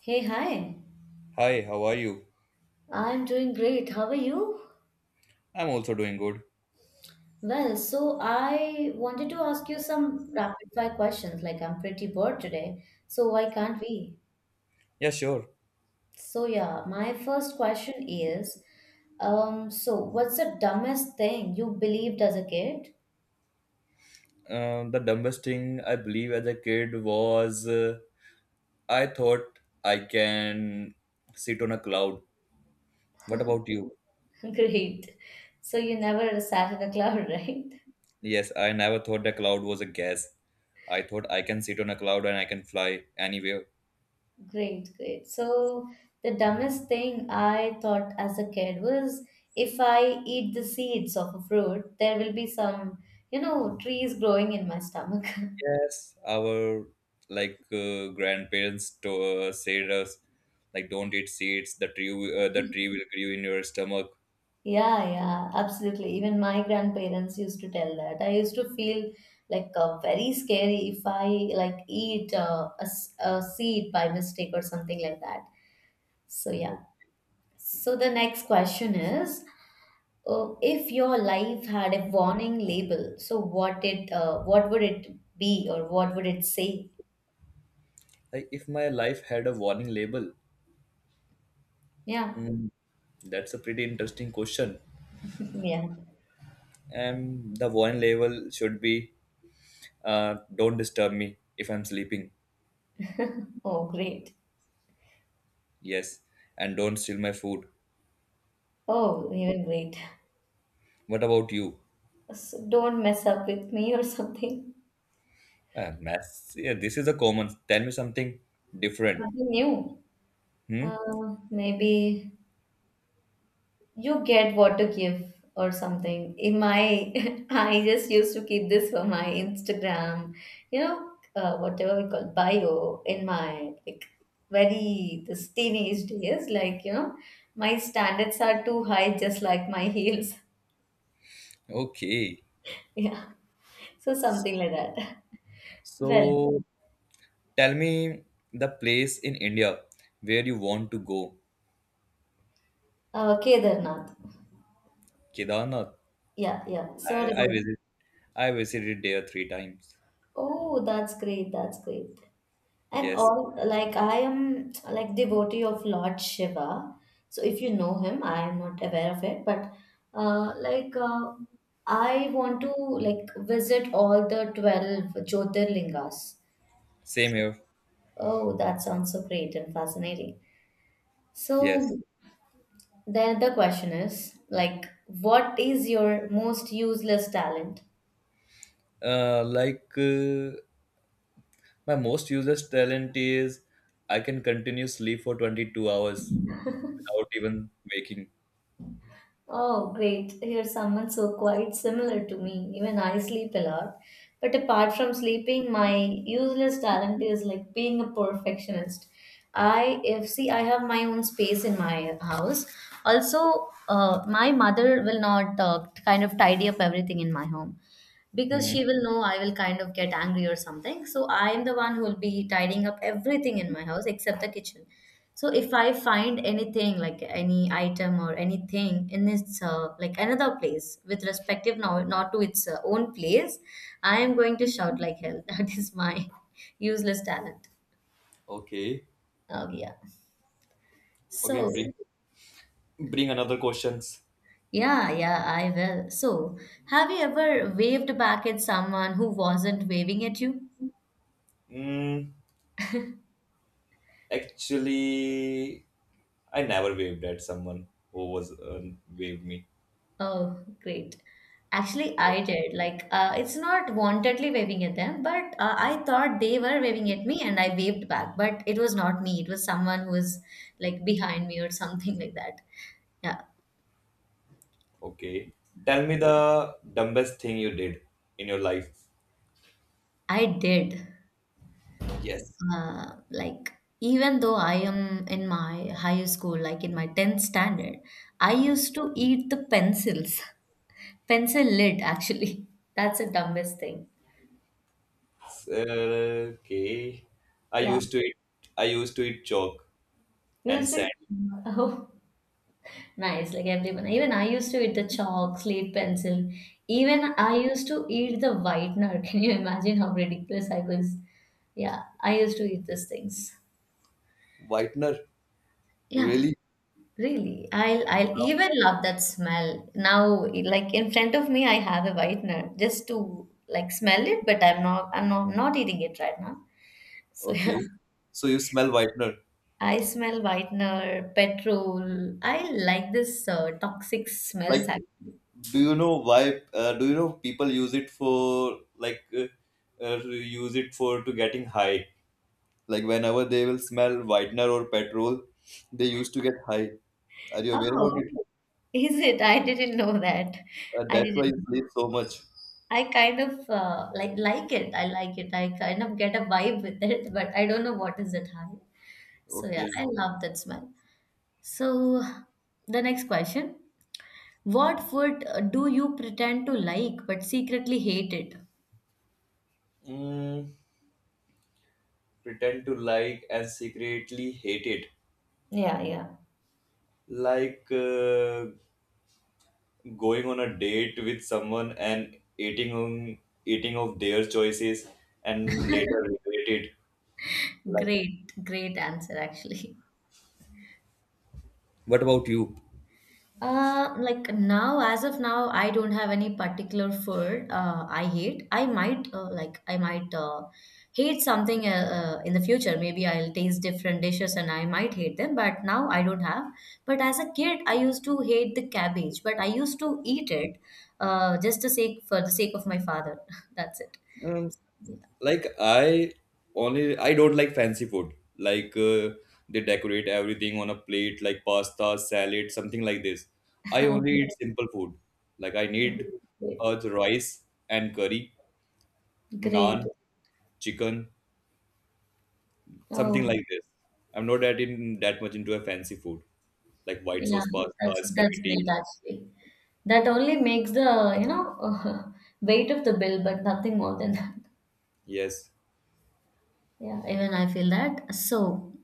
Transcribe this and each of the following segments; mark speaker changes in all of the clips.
Speaker 1: Hey, hi.
Speaker 2: Hi, how are you?
Speaker 1: I'm doing great. How are you?
Speaker 2: I'm also doing good.
Speaker 1: Well, so I wanted to ask you some rapid fire questions. Like, I'm pretty bored today, so why can't we?
Speaker 2: Yeah, sure.
Speaker 1: So, yeah, my first question is, so what's the dumbest thing you believed as a kid?
Speaker 2: The dumbest thing I believe as a kid was I thought I can sit on a cloud. What about you?
Speaker 1: Great. So you never sat in a cloud, right?
Speaker 2: Yes, I never thought the cloud was a gas. I thought I can sit on a cloud and I can fly anywhere.
Speaker 1: Great, great. So the dumbest thing I thought as a kid was if I eat the seeds of a fruit, there will be some, trees growing in my stomach.
Speaker 2: Yes, our like grandparents to, said us like don't eat seeds. The tree, the tree will grow in your stomach.
Speaker 1: Yeah, yeah, absolutely. Even my grandparents used to tell that. I used to feel like very scary if I like eat a seed by mistake or something like that. So yeah. So the next question is. If your life had a warning label, so what would it be or what would it say?
Speaker 2: Like if my life had a warning label.
Speaker 1: Yeah.
Speaker 2: Mm, that's a pretty interesting question.
Speaker 1: Yeah.
Speaker 2: And the one level should be don't disturb me if I'm sleeping.
Speaker 1: Oh, great.
Speaker 2: Yes. And don't steal my food.
Speaker 1: Oh, even great.
Speaker 2: What about you?
Speaker 1: So don't mess up with me or something.
Speaker 2: Mass. Yeah, this is a common. Tell me something different.
Speaker 1: Something new.
Speaker 2: Hmm?
Speaker 1: Maybe you get what to give or something in my. I just used to keep this for my Instagram, you know whatever we call bio in my, like, very this teenage days, like, my standards are too high, just like my heels.
Speaker 2: Okay.
Speaker 1: Yeah, so something like that. Well,
Speaker 2: So tell me the place in India where you want to go.
Speaker 1: Kedarnath.
Speaker 2: Kedarnath.
Speaker 1: Yeah, yeah, so what
Speaker 2: I
Speaker 1: about.
Speaker 2: visit. I visited there three times.
Speaker 1: Oh, that's great, that's great. And
Speaker 2: Yes.
Speaker 1: all, like, I am like devotee of Lord Shiva. So if you know him, I am not aware of it, but like I want to like visit all the 12 Jyotirlingas.
Speaker 2: Same here.
Speaker 1: Oh, that sounds so great and fascinating.
Speaker 2: Yes.
Speaker 1: So then the question is, like, what is your most useless talent?
Speaker 2: Like, my most useless talent is I can continue sleep for 22 hours without even waking.
Speaker 1: Oh, great. You someone so quite similar to me. Even I sleep a lot. But apart from sleeping, my useless talent is like being a perfectionist. I if see I have my own space in my house. Also, my mother will not kind of tidy up everything in my home because
Speaker 2: Mhm.
Speaker 1: she will know I will kind of get angry or something. So I am the one who will be tidying up everything in my house except the kitchen. So if I find anything like any item or anything in its like another place with respective not, not to its own place, I am going to shout like hell. That is my useless talent.
Speaker 2: Okay.
Speaker 1: Oh yeah.
Speaker 2: Okay,
Speaker 1: So
Speaker 2: bring another questions.
Speaker 1: yeah, yeah, I will. So have you ever waved back at someone who wasn't waving at you?
Speaker 2: Mm, Actually, I never waved at someone who was waved me.
Speaker 1: Oh, great. Actually, I did. Like, it's not wantedly waving at them, but I thought they were waving at me and I waved back. But it was not me. It was someone who was like behind me or something like that. Yeah,
Speaker 2: Okay. Tell me the dumbest thing you did in your life.
Speaker 1: I did.
Speaker 2: Yes.
Speaker 1: Like, even though I am in my higher school, like in my 10th standard, I used to eat the pencils, pencil lid, actually. That's the dumbest thing.
Speaker 2: Okay. I
Speaker 1: Yeah.
Speaker 2: used to eat I used to eat chalk and
Speaker 1: Used
Speaker 2: sand.
Speaker 1: to. Nice, like everyone. Even I used to eat the chalk, slate pencil. Even I used to eat the whitener. Can you imagine how ridiculous I was? Yeah, I used to eat these things.
Speaker 2: Whitener?
Speaker 1: Yeah,
Speaker 2: Really?
Speaker 1: really. I'll
Speaker 2: Wow.
Speaker 1: even love that smell. Now, like in front of me, I have a whitener just to like smell it, but I'm not, not eating it right now. So yeah,
Speaker 2: Okay. So you smell whitener.
Speaker 1: I smell whitener, petrol. I like this toxic
Speaker 2: Like,
Speaker 1: smells actually.
Speaker 2: do you know why? Do you know people use it for like use it for to getting high? Like whenever they will smell whitener or petrol, they used to get high. Are you aware
Speaker 1: Oh,
Speaker 2: about it?
Speaker 1: is it? I didn't know that. I
Speaker 2: That's why you
Speaker 1: didn't.
Speaker 2: sleep so much.
Speaker 1: I kind of like it. I like it. I kind of get a vibe with it, but I don't know what is it high. So yeah,
Speaker 2: Okay.
Speaker 1: I love that smell. So the next question: what food do you pretend to like but secretly hate it?
Speaker 2: Mm, Pretend to like and secretly hate it.
Speaker 1: Yeah, yeah.
Speaker 2: Like. Going on a date with someone and eating of their choices and later regret it. Like,
Speaker 1: Great, great answer actually.
Speaker 2: what about you?
Speaker 1: Like now, as of now, I don't have any particular food I hate. I might hate something in the future. Maybe I'll taste different dishes and I might hate them. But now I don't have. But as a kid, I used to hate the cabbage, but I used to eat it just to sake for the sake of my father. That's it.
Speaker 2: um, like, I don't like fancy food. Like, they decorate everything on a plate, like pasta, salad, something like this. I
Speaker 1: Yeah.
Speaker 2: only eat simple food. Like, I need the rice and curry,
Speaker 1: Great.
Speaker 2: naan, chicken. Something
Speaker 1: Oh.
Speaker 2: like this. I'm not that in that much into a fancy food like white
Speaker 1: Yeah,
Speaker 2: sauce
Speaker 1: that's
Speaker 2: pasta,
Speaker 1: that's
Speaker 2: spaghetti.
Speaker 1: great actually. That only makes the, weight of the bill, but nothing more than that.
Speaker 2: Yes.
Speaker 1: Yeah, even I feel that. So,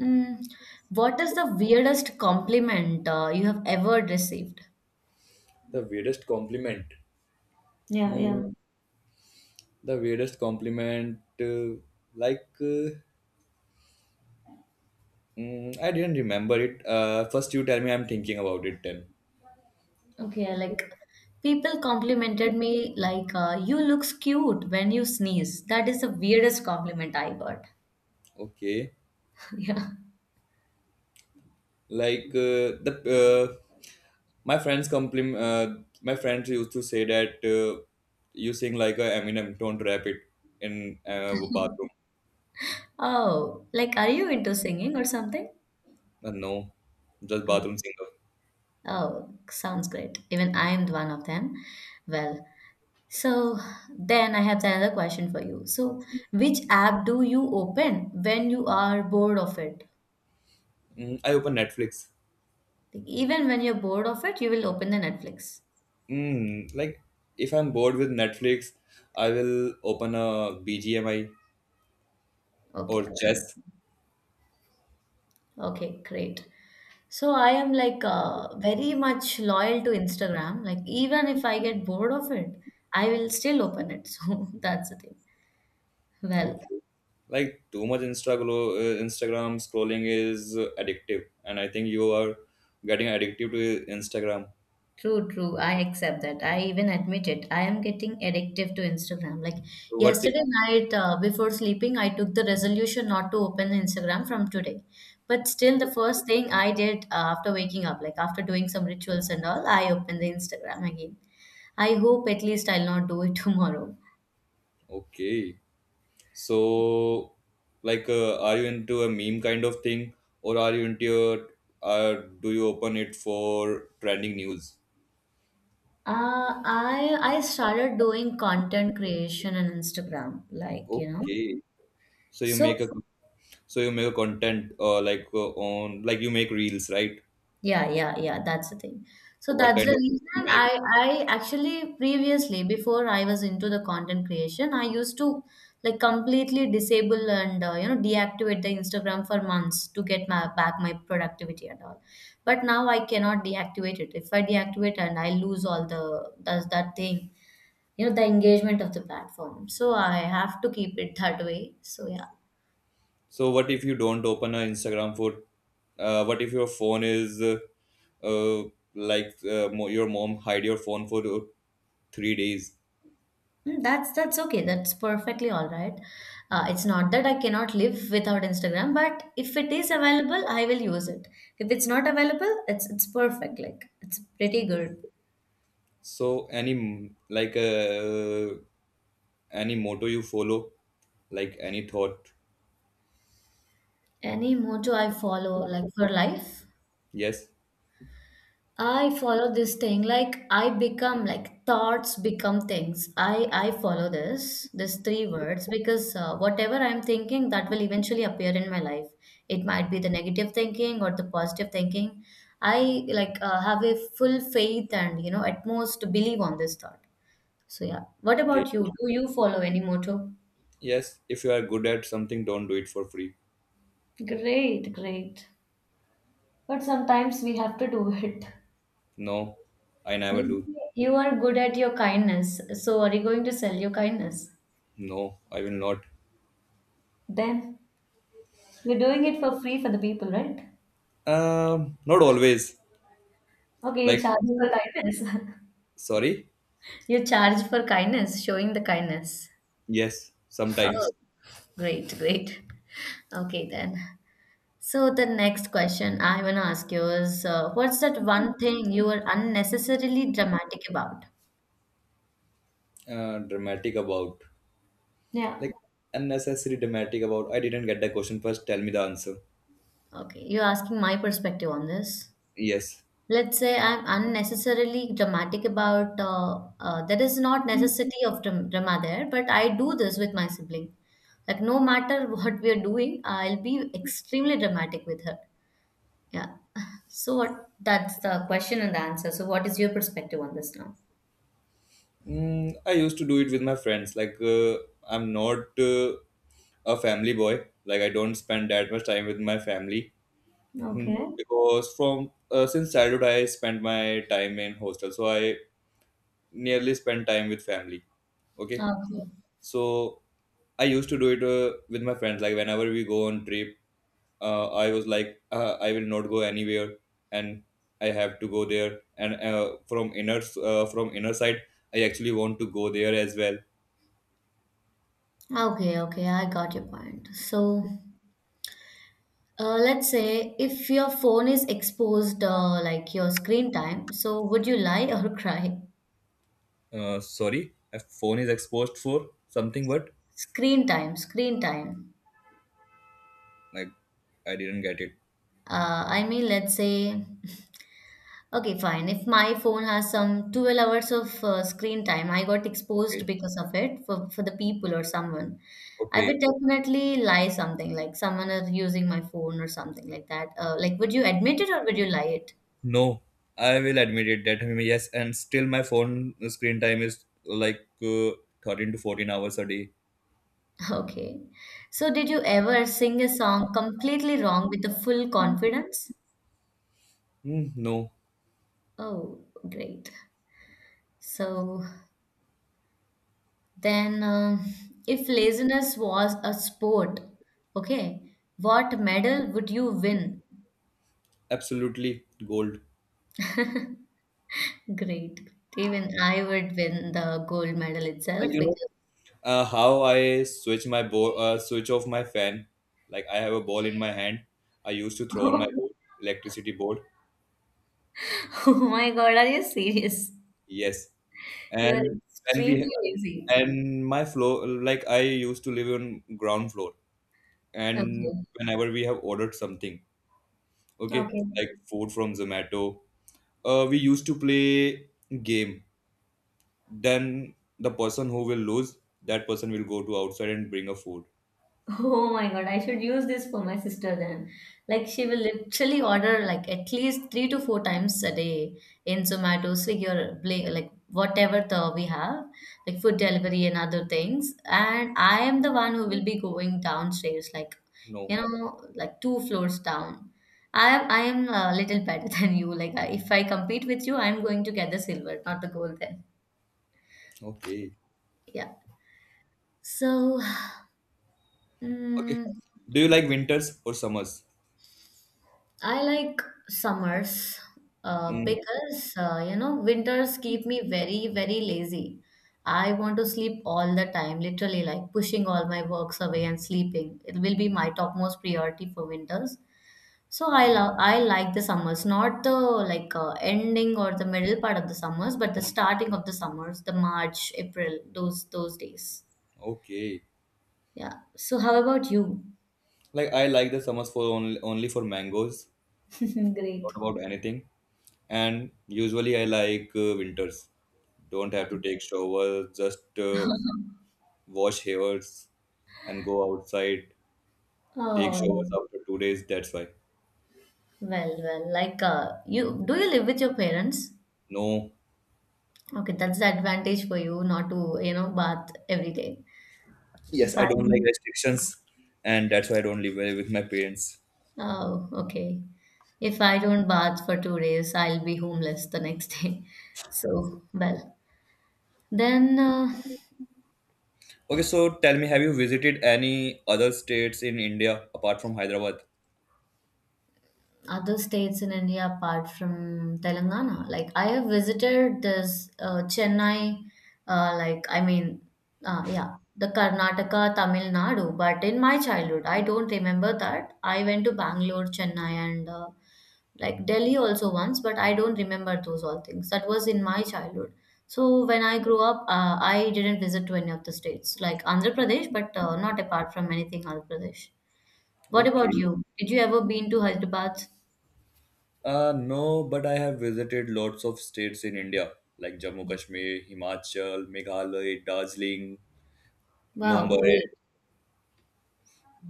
Speaker 1: mm, what is the weirdest compliment you have ever received?
Speaker 2: The weirdest compliment.
Speaker 1: Yeah,
Speaker 2: Mm,
Speaker 1: yeah.
Speaker 2: the weirdest compliment. Like, I didn't remember it. First you tell me. I'm thinking about it. Then
Speaker 1: Okay, like people complimented me like you looks cute when you sneeze. That is the weirdest compliment I got.
Speaker 2: okay.
Speaker 1: Yeah.
Speaker 2: Like, the my friends compliment. My friends used to say that you sing like a Eminem. Don't rap it in bathroom.
Speaker 1: Oh, like are you into singing or something?
Speaker 2: No, just bathroom singer.
Speaker 1: Oh, sounds great. Even I am one of them. Well, so then I have another question for you. So, which app do you open when you are bored of it?
Speaker 2: I open Netflix.
Speaker 1: Like, even when you're bored of it, you will open the Netflix.
Speaker 2: Like, if I'm bored with Netflix, I will open a BGMI
Speaker 1: Okay.
Speaker 2: or chess.
Speaker 1: Okay, great. So I am like very much loyal to Instagram. Like even if I get bored of it, I will still open it. So that's the thing. Well,
Speaker 2: Okay. Like, too much Instagram scrolling is addictive, and I think you are getting addictive to Instagram.
Speaker 1: true, true. I accept that. I even admit it. I am getting addictive to Instagram. Like
Speaker 2: So what?
Speaker 1: yesterday night, before sleeping, I took the resolution not to open Instagram from today. But still, the first thing I did after waking up, like after doing some rituals and all, I opened the Instagram again. I hope at least I'll not do it tomorrow.
Speaker 2: Okay. So, like, are you into a meme kind of thing, or are you into uh, do you open it for trending news?
Speaker 1: I started doing content creation on Instagram.
Speaker 2: Okay. So you
Speaker 1: So
Speaker 2: make a so you make a content, like, on like you make reels, right?
Speaker 1: yeah, yeah, yeah. That's the thing. So
Speaker 2: What
Speaker 1: that's
Speaker 2: kind
Speaker 1: the
Speaker 2: of reels you
Speaker 1: reason
Speaker 2: make?
Speaker 1: I actually previously before I was into the content creation, I used to like completely disable and deactivate the Instagram for months to get my back my productivity and all. But now I cannot deactivate it. If I deactivate and I lose all the does that thing, the engagement of the platform. So I have to keep it that way. So yeah.
Speaker 2: So what if you don't open an Instagram for? What if your phone is uh, like, your mom hide your phone for 3 days?
Speaker 1: Mm, that's okay. That's perfectly all right. It's not that I cannot live without Instagram, but if it is available, I will use it. If it's not available, it's perfect. Like it's pretty good.
Speaker 2: So like any motto you follow, like, any thought,
Speaker 1: Any mojo I follow, like for life,
Speaker 2: yes,
Speaker 1: I follow this thing like I become like thoughts become things. I follow this three words because whatever I'm thinking that will eventually appear in my life. It might be the negative thinking or the positive thinking. I like have a full faith and at most believe on this thought. So yeah. What
Speaker 2: okay,
Speaker 1: about you? Do you follow any motto?
Speaker 2: yes. If you are good at something, don't do it for free.
Speaker 1: Great, great. But sometimes we have to do it.
Speaker 2: No, I never
Speaker 1: Maybe
Speaker 2: do.
Speaker 1: you are good at your kindness. So are you going to sell your kindness?
Speaker 2: No, I will not.
Speaker 1: Then you're doing it for free for the people, right?
Speaker 2: Not always.
Speaker 1: Okay, you
Speaker 2: Like,
Speaker 1: charge for kindness.
Speaker 2: sorry.
Speaker 1: You charge for kindness, showing the kindness.
Speaker 2: Yes,
Speaker 1: Oh,
Speaker 2: sometimes.
Speaker 1: great, great. Okay, then. So the next question I want to ask you is, what's that one thing you were unnecessarily dramatic about?
Speaker 2: Dramatic about,
Speaker 1: Yeah.
Speaker 2: like, unnecessary dramatic about. I didn't get the question first. Tell me the answer.
Speaker 1: Okay, you're asking my perspective on this.
Speaker 2: Yes.
Speaker 1: Let's say I'm unnecessarily dramatic about there is not necessity of drama there, but I do this with my sibling. Like no matter what we are doing, I'll be extremely dramatic with her. Yeah. So what? That's the question and the answer. So what is your perspective on this now?
Speaker 2: I used to do it with my friends. Like, I'm not a family boy. Like, I don't spend that much time with my family.
Speaker 1: Okay.
Speaker 2: Because from since childhood I spent my time in hostel, so I nearly spend time with family. Okay.
Speaker 1: Okay.
Speaker 2: So I used to do it with my friends. Like, whenever we go on trip, I was like, I will not go anywhere, and I have to go there. And from inner side, I actually want to go there as well.
Speaker 1: Okay, okay, I got your point. So, let's say if your phone is exposed, like your screen time, so would you lie or cry?
Speaker 2: Sorry, my phone is exposed for something. What?
Speaker 1: Screen time, screen time.
Speaker 2: Like, I didn't get it.
Speaker 1: I mean, let's say, okay, fine. If my phone has some 12 hours of screen time, I got exposed
Speaker 2: Okay,
Speaker 1: because of it for the people or someone. I would
Speaker 2: okay.
Speaker 1: definitely lie something like someone is using my phone or something like that. Like, would you admit it or would you lie it?
Speaker 2: No, I will admit it that yes, and still my phone screen time is like 13 to 14 hours a day.
Speaker 1: Okay. So, did you ever sing a song completely wrong with the full confidence?
Speaker 2: No,
Speaker 1: Oh, great. So, then, if laziness was a sport, okay, what medal would you win?
Speaker 2: absolutely gold.
Speaker 1: Great. Even I would win the gold medal
Speaker 2: Like,
Speaker 1: itself because,
Speaker 2: how I switch switch off my fan. Like, I have a ball in my hand. I used to throw on my board, electricity board.
Speaker 1: oh my God, are you serious?
Speaker 2: Yes,
Speaker 1: You are
Speaker 2: and and we
Speaker 1: extremely lazy.
Speaker 2: and my floor, like, I used to live on ground floor. And
Speaker 1: Okay.
Speaker 2: whenever we have ordered something, okay,
Speaker 1: Okay.
Speaker 2: like food from Zomato, we used to play game. Then the person who will lose, that person will go to outside and bring a food.
Speaker 1: Oh my god, I should use this for my sister then. Like she will literally order like at least three to four times a day in Zomato, Swiggy or like whatever the we have, like food delivery and other things. And I am the one who will be going downstairs, like
Speaker 2: No,
Speaker 1: like two floors down. I am a little better than you. Like I, if I compete with you, I'm going to get the silver, not the gold then.
Speaker 2: okay.
Speaker 1: Yeah. So,
Speaker 2: Okay.
Speaker 1: mm,
Speaker 2: Do you like winters or summers?
Speaker 1: I like summers,
Speaker 2: Mm,
Speaker 1: because winters keep me very very lazy. I want to sleep all the time, literally like pushing all my works away and sleeping. It will be my topmost priority for winters. So I like the summers, not the ending or the middle part of the summers, but the starting of the summers, the March, April, those days.
Speaker 2: okay.
Speaker 1: Yeah. So how about you?
Speaker 2: Like, I like the summers for only for mangoes,
Speaker 1: Great.
Speaker 2: not about anything. And usually I like winters. Don't have to take shower, just wash hairs and go outside. Take
Speaker 1: Oh
Speaker 2: showers
Speaker 1: no.
Speaker 2: after 2 days. That's why.
Speaker 1: You do you live with your parents?
Speaker 2: No.
Speaker 1: Okay, that's the advantage for you not to, you know, bath every day. If
Speaker 2: Yes, I
Speaker 1: I,
Speaker 2: don't like restrictions, and that's why I don't live with my parents.
Speaker 1: oh, okay. If I don't bath for 2 days, I'll be homeless the next day. So, well, then
Speaker 2: Okay, so tell me, have you visited any other states in India apart from Hyderabad?
Speaker 1: Other states in India apart from Telangana. Like I have visited this Chennai, uh, like I mean, yeah, the Karnataka, Tamil Nadu. But in my childhood, I don't remember that. I went to Bangalore, Chennai, and like Delhi also once, but I don't remember those all things. That was in my childhood. So when I grew up, I didn't visit to any of the states like Andhra Pradesh, but not apart from anything Andhra Pradesh. What about
Speaker 2: Okay.
Speaker 1: you? Did you ever been to Hyderabad?
Speaker 2: No, but I have visited lots of states in India, like Jammu Kashmir, Himachal, Meghalaya, Darjeeling,
Speaker 1: Wow,
Speaker 2: Mumbai,
Speaker 1: great.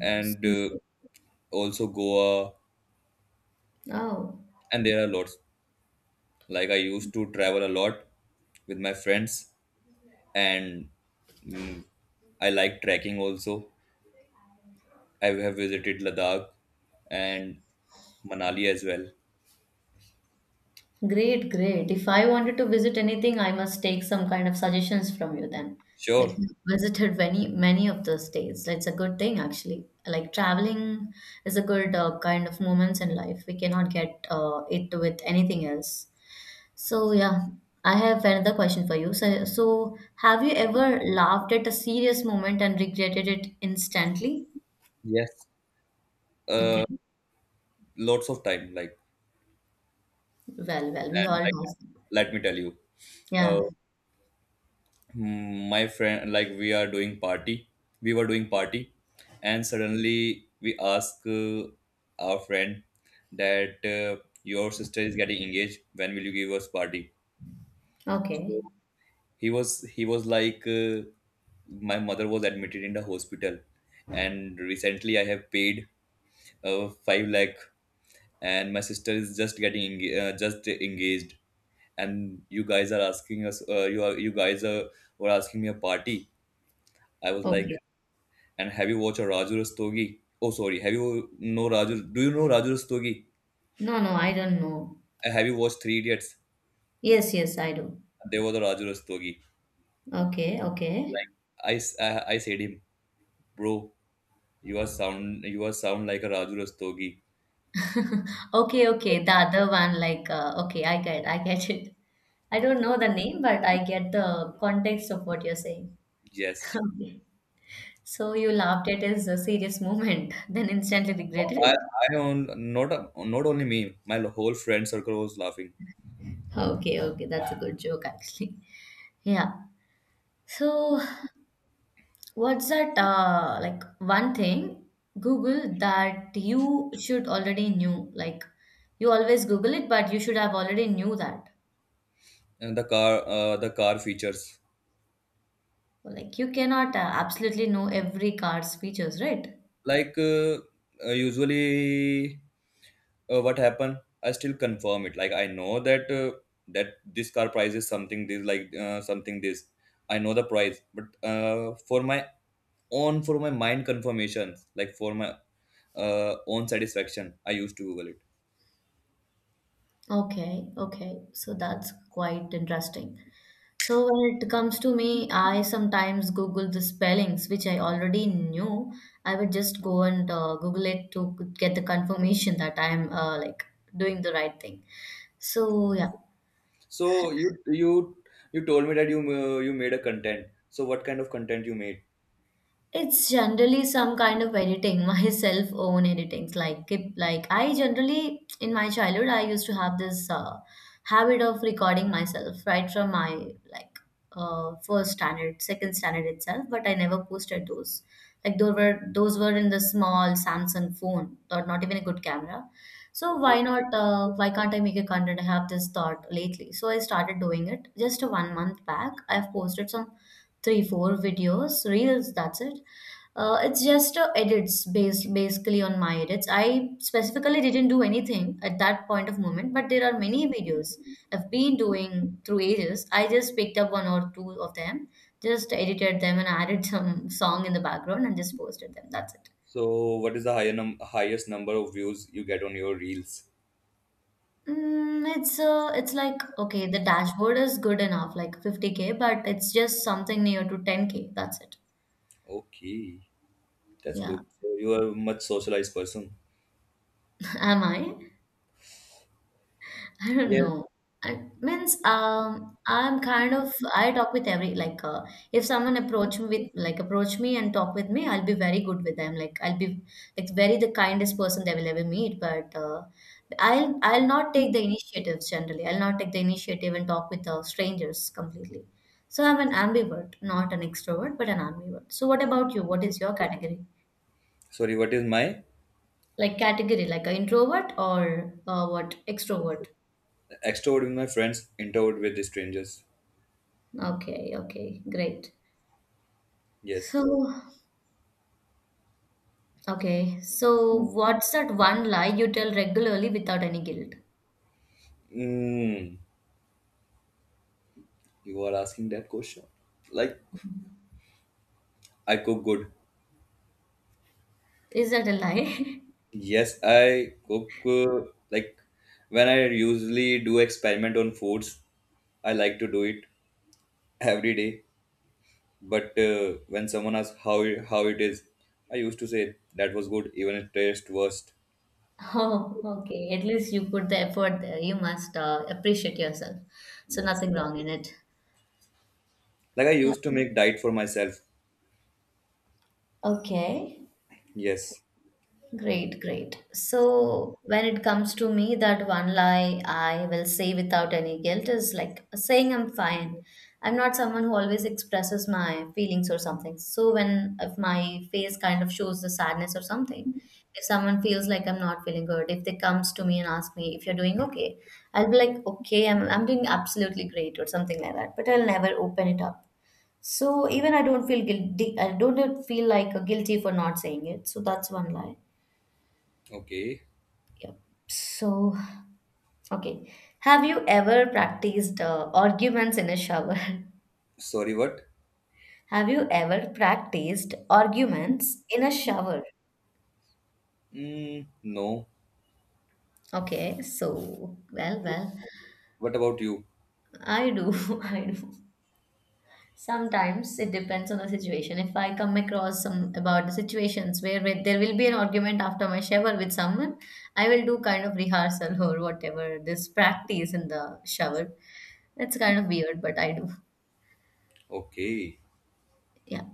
Speaker 2: and
Speaker 1: So great.
Speaker 2: also Goa.
Speaker 1: Oh,
Speaker 2: And there are lots. Like, I used to travel a lot with my friends, and mm, I like trekking also. I have visited Ladakh and Manali as well.
Speaker 1: great, great. If I wanted to visit anything, I must take some kind of suggestions from you then. Like
Speaker 2: Sure.
Speaker 1: you visited many of the states. It's a good thing actually. Like traveling is a good kind of moments in life. We cannot get it with anything else. So yeah, I have another question for you. So have you ever laughed at a serious moment and regretted it instantly?
Speaker 2: Yes.
Speaker 1: Okay.
Speaker 2: Uh, Lots of time. Like,
Speaker 1: Well, well, we
Speaker 2: and
Speaker 1: all
Speaker 2: like,
Speaker 1: do.
Speaker 2: let me tell you. uh,
Speaker 1: Yeah.
Speaker 2: My friend, like, we were doing party, and suddenly we ask our friend that, your sister is getting engaged, when will you give us party? So
Speaker 1: Okay.
Speaker 2: he was like, my mother was admitted in the hospital, and recently I have paid 5 lakh, and my sister is just just engaged, and you guys are asking us, you are you guys are, were asking me a party. I was
Speaker 1: Okay.
Speaker 2: like... And have you watched a Raju Rastogi? Oh, sorry. Have you know Raju? Do you know Raju Rastogi?
Speaker 1: No, no, I don't know.
Speaker 2: Have you watched Three Idiots?
Speaker 1: Yes, yes, I do.
Speaker 2: There was a Raju Rastogi.
Speaker 1: Okay, okay.
Speaker 2: Like, I said him, bro. You are sound. You are sound like a Raju Rastogi.
Speaker 1: Okay, okay. The other one, like, okay, I get it. I don't know the name, but I get the context of what you're saying.
Speaker 2: Yes.
Speaker 1: Okay. So you laughed at his serious moment, then instantly regretted
Speaker 2: I,
Speaker 1: it.
Speaker 2: I own not only me. My whole friend circle was laughing.
Speaker 1: Okay, okay, that's a good joke actually. Yeah. So what's that one thing Google that you should already knew, like you always Google it, but you should have already knew that.
Speaker 2: And the car features,
Speaker 1: Like you cannot absolutely know every card's features, right?
Speaker 2: like, usually, what happened, I still confirm it. Like, I know that, that this car price is something this, like, something this. I know the price, but for my mind confirmations, like, for my own satisfaction, I used to google it.
Speaker 1: Okay, okay. So that's quite interesting. So when it comes to me, I sometimes Google the spellings, which I already knew. I would just go and Google it to get the confirmation that I'm like doing the right thing. So yeah,
Speaker 2: So you you you told me that you made a content, so what kind of content you made?
Speaker 1: it's generally some kind of editing, my self-own editings. Like, I generally in my childhood, I used to have this habit of recording myself right from my first standard, second standard itself. But I never posted those. Like, those were in the small Samsung phone, or not even a good camera. So why
Speaker 2: Okay,
Speaker 1: not? Why can't I make a content? I have this thought lately, so I started doing it. Just 1 month back, I've posted some 3 4 videos reels, that's it. It's just edits based basically on my edits. I specifically didn't do anything at that point of moment, but there are many videos I've been doing through ages. I just picked up one or two of them, just edited them and added some song in the background and just posted them, that's it.
Speaker 2: so what is the highest number of views you get on your reels?
Speaker 1: Mm, it's like okay, the dashboard is good enough, like 50K, but it's just something near to 10K. That's it.
Speaker 2: Okay, that's
Speaker 1: Yeah.
Speaker 2: good. So you are a much socialized person.
Speaker 1: Am I? I don't know. I means I'm kind of, I talk with every if someone approach me with like approach me and talk with me, I'll be very good with them. Like I'll be like very the kindest person they will ever meet. But I'll not take the initiatives generally. I'll not take the initiative and talk with strangers completely. So I'm an ambivert, not an extrovert, but an ambivert. So what about you? What is your category?
Speaker 2: Sorry, what is my?
Speaker 1: Like category, like an introvert or what extrovert?
Speaker 2: Extrovert with my friends, introvert with the strangers.
Speaker 1: Okay, okay, great. So,
Speaker 2: Yes.
Speaker 1: okay. So, what's that one lie you tell regularly without any guilt?
Speaker 2: mm, you are asking that question, like, I cook good.
Speaker 1: Is that a lie?
Speaker 2: Yes, I cook, like, when I usually do experiment on foods, I like to do it every day. But when someone asks how it is, I used to say that was good, even it tastes worst.
Speaker 1: Oh, okay. At least you put the effort there. You must appreciate yourself. So,
Speaker 2: Yes,
Speaker 1: nothing wrong in it.
Speaker 2: like, I
Speaker 1: Yeah.
Speaker 2: used to make diet for myself.
Speaker 1: Okay.
Speaker 2: Yes.
Speaker 1: Great, great. So when it comes to me, that one lie I will say without any guilt is like saying I'm fine. I'm not someone who always expresses my feelings or something. So when, if my face kind of shows the sadness or something, if someone feels like I'm not feeling good, if they comes to me and ask me if you're doing okay, I'll be like, okay, I'm doing absolutely great or something like that. But I'll never open it up. So even I don't feel guilty. I don't feel like guilty for not saying it. So that's one lie.
Speaker 2: Okay.
Speaker 1: Yep. So, okay. Have you ever practiced arguments in a shower?
Speaker 2: Sorry, what?
Speaker 1: Have you ever practiced arguments in a shower?
Speaker 2: Mm, no.
Speaker 1: Okay, so, well, well,
Speaker 2: What about you?
Speaker 1: I do, I do. Sometimes it depends on the situation. If I come across some about the situations where, there will be an argument after my shower with someone, I will do kind of rehearsal or whatever this practice in the shower. It's kind of weird, but I do.
Speaker 2: Okay.
Speaker 1: Yeah.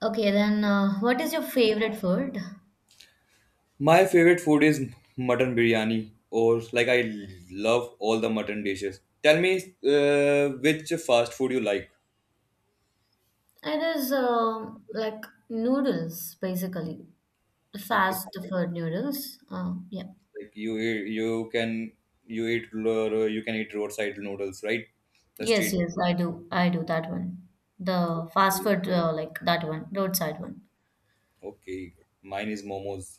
Speaker 1: Okay, then what is your favorite food?
Speaker 2: My favorite food is mutton biryani, or like I love all the mutton dishes. Tell me, which fast food you like?
Speaker 1: It is noodles, basically.
Speaker 2: Okay,
Speaker 1: Fast food noodles. Yeah.
Speaker 2: like, you can eat roadside noodles, right? The
Speaker 1: Yes,
Speaker 2: street.
Speaker 1: yes, I do. I do that one. The fast food, like that one, roadside one.
Speaker 2: Okay, mine is momos.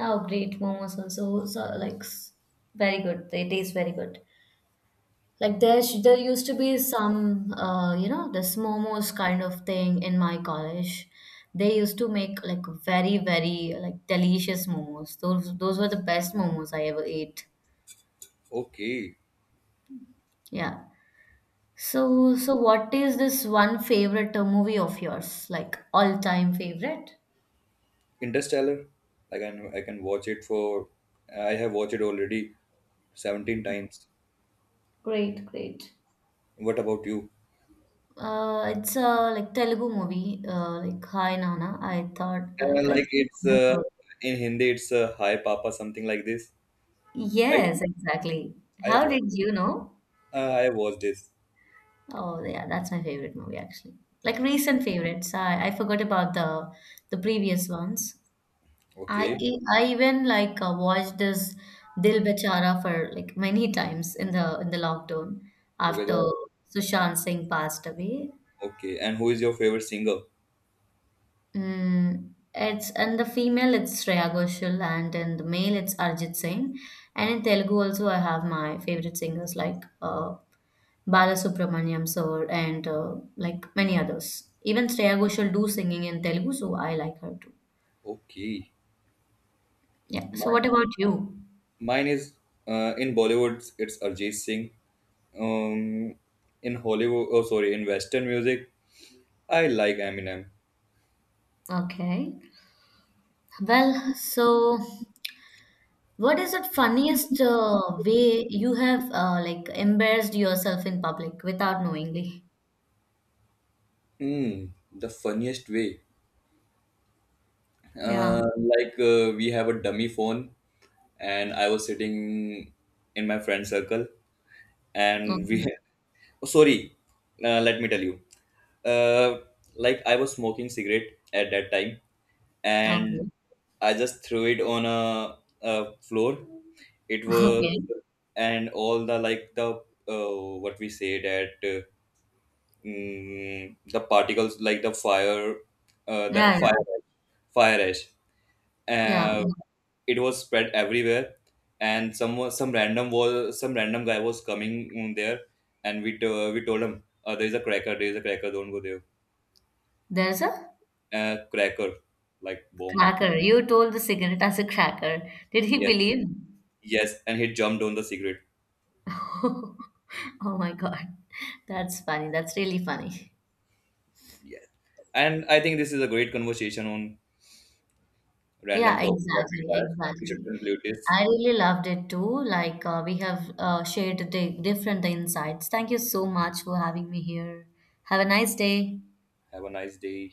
Speaker 1: Oh, great. Momos also, so, very good. They taste very good. There used to be some, you know, this momos kind of thing in my college. They used to make like very, very like delicious momos. Those were the best momos I ever ate.
Speaker 2: Okay,
Speaker 1: Yeah. So what is this one favorite movie of yours? Like all time favorite?
Speaker 2: Interstellar. I can watch it for I have watched it already 17 times.
Speaker 1: Great, great.
Speaker 2: What about you?
Speaker 1: It's a like Telugu movie, like Hi Nana. I thought, like I
Speaker 2: Like, it's
Speaker 1: think.
Speaker 2: in Hindi, it's "Hi Papa" something like this,
Speaker 1: Yes,
Speaker 2: right?
Speaker 1: exactly.
Speaker 2: I
Speaker 1: How
Speaker 2: watched.
Speaker 1: did you know?
Speaker 2: I watched this.
Speaker 1: Oh yeah, that's my favorite movie actually. Like recent favorites, I forgot about the previous ones.
Speaker 2: Okay,
Speaker 1: I even like watched this Dil Bechara for like many times in the lockdown
Speaker 2: okay,
Speaker 1: after Sushant Singh passed away.
Speaker 2: okay. And who is your favorite singer?
Speaker 1: Mm, it's and the female, it's Shreya Ghoshal, and in the male it's Arjit Singh, and in Telugu also I have my favorite singers like Balasubramaniam sir and like many others. Even Shreya Ghoshal do singing in Telugu, so I like her too.
Speaker 2: Okay,
Speaker 1: Yeah. So
Speaker 2: mine,
Speaker 1: what about you?
Speaker 2: mine is, in Bollywood. It's Arjit Singh. Um, in Hollywood, oh sorry, in Western music, I like Eminem.
Speaker 1: Okay. Well, so what is the funniest way you have like embarrassed yourself in public without knowingly?
Speaker 2: Hmm, the funniest way.
Speaker 1: Yeah.
Speaker 2: Uh, like, we have a dummy phone, and I was sitting in my friend circle, and we
Speaker 1: Okay.
Speaker 2: Oh, sorry. Let me tell you. uh, like, I was smoking cigarette at that time, and
Speaker 1: Okay.
Speaker 2: I just threw it on a floor. It was...
Speaker 1: Okay.
Speaker 2: and all the, what we say that, the particles, like, the
Speaker 1: Yeah,
Speaker 2: fire fire ash,
Speaker 1: yeah, yeah.
Speaker 2: uh, it was spread everywhere, and some random guy was coming there, and we told him, "There is a cracker. There is a cracker. Don't go there."
Speaker 1: There's a
Speaker 2: Cracker, like bomb.
Speaker 1: cracker. You told the cigarette as a cracker. Did he
Speaker 2: Yes,
Speaker 1: believe?
Speaker 2: yes, and he jumped on the cigarette.
Speaker 1: Oh my God. That's funny. That's really funny.
Speaker 2: Yes, and I think this is a great conversation on random
Speaker 1: Yeah,
Speaker 2: topic. Rapid
Speaker 1: exactly,
Speaker 2: fire. We should
Speaker 1: exactly.
Speaker 2: conclude this.
Speaker 1: I really loved it too. Like we have shared the different insights. Thank you so much for having me here. Have a nice day.
Speaker 2: Have a nice day.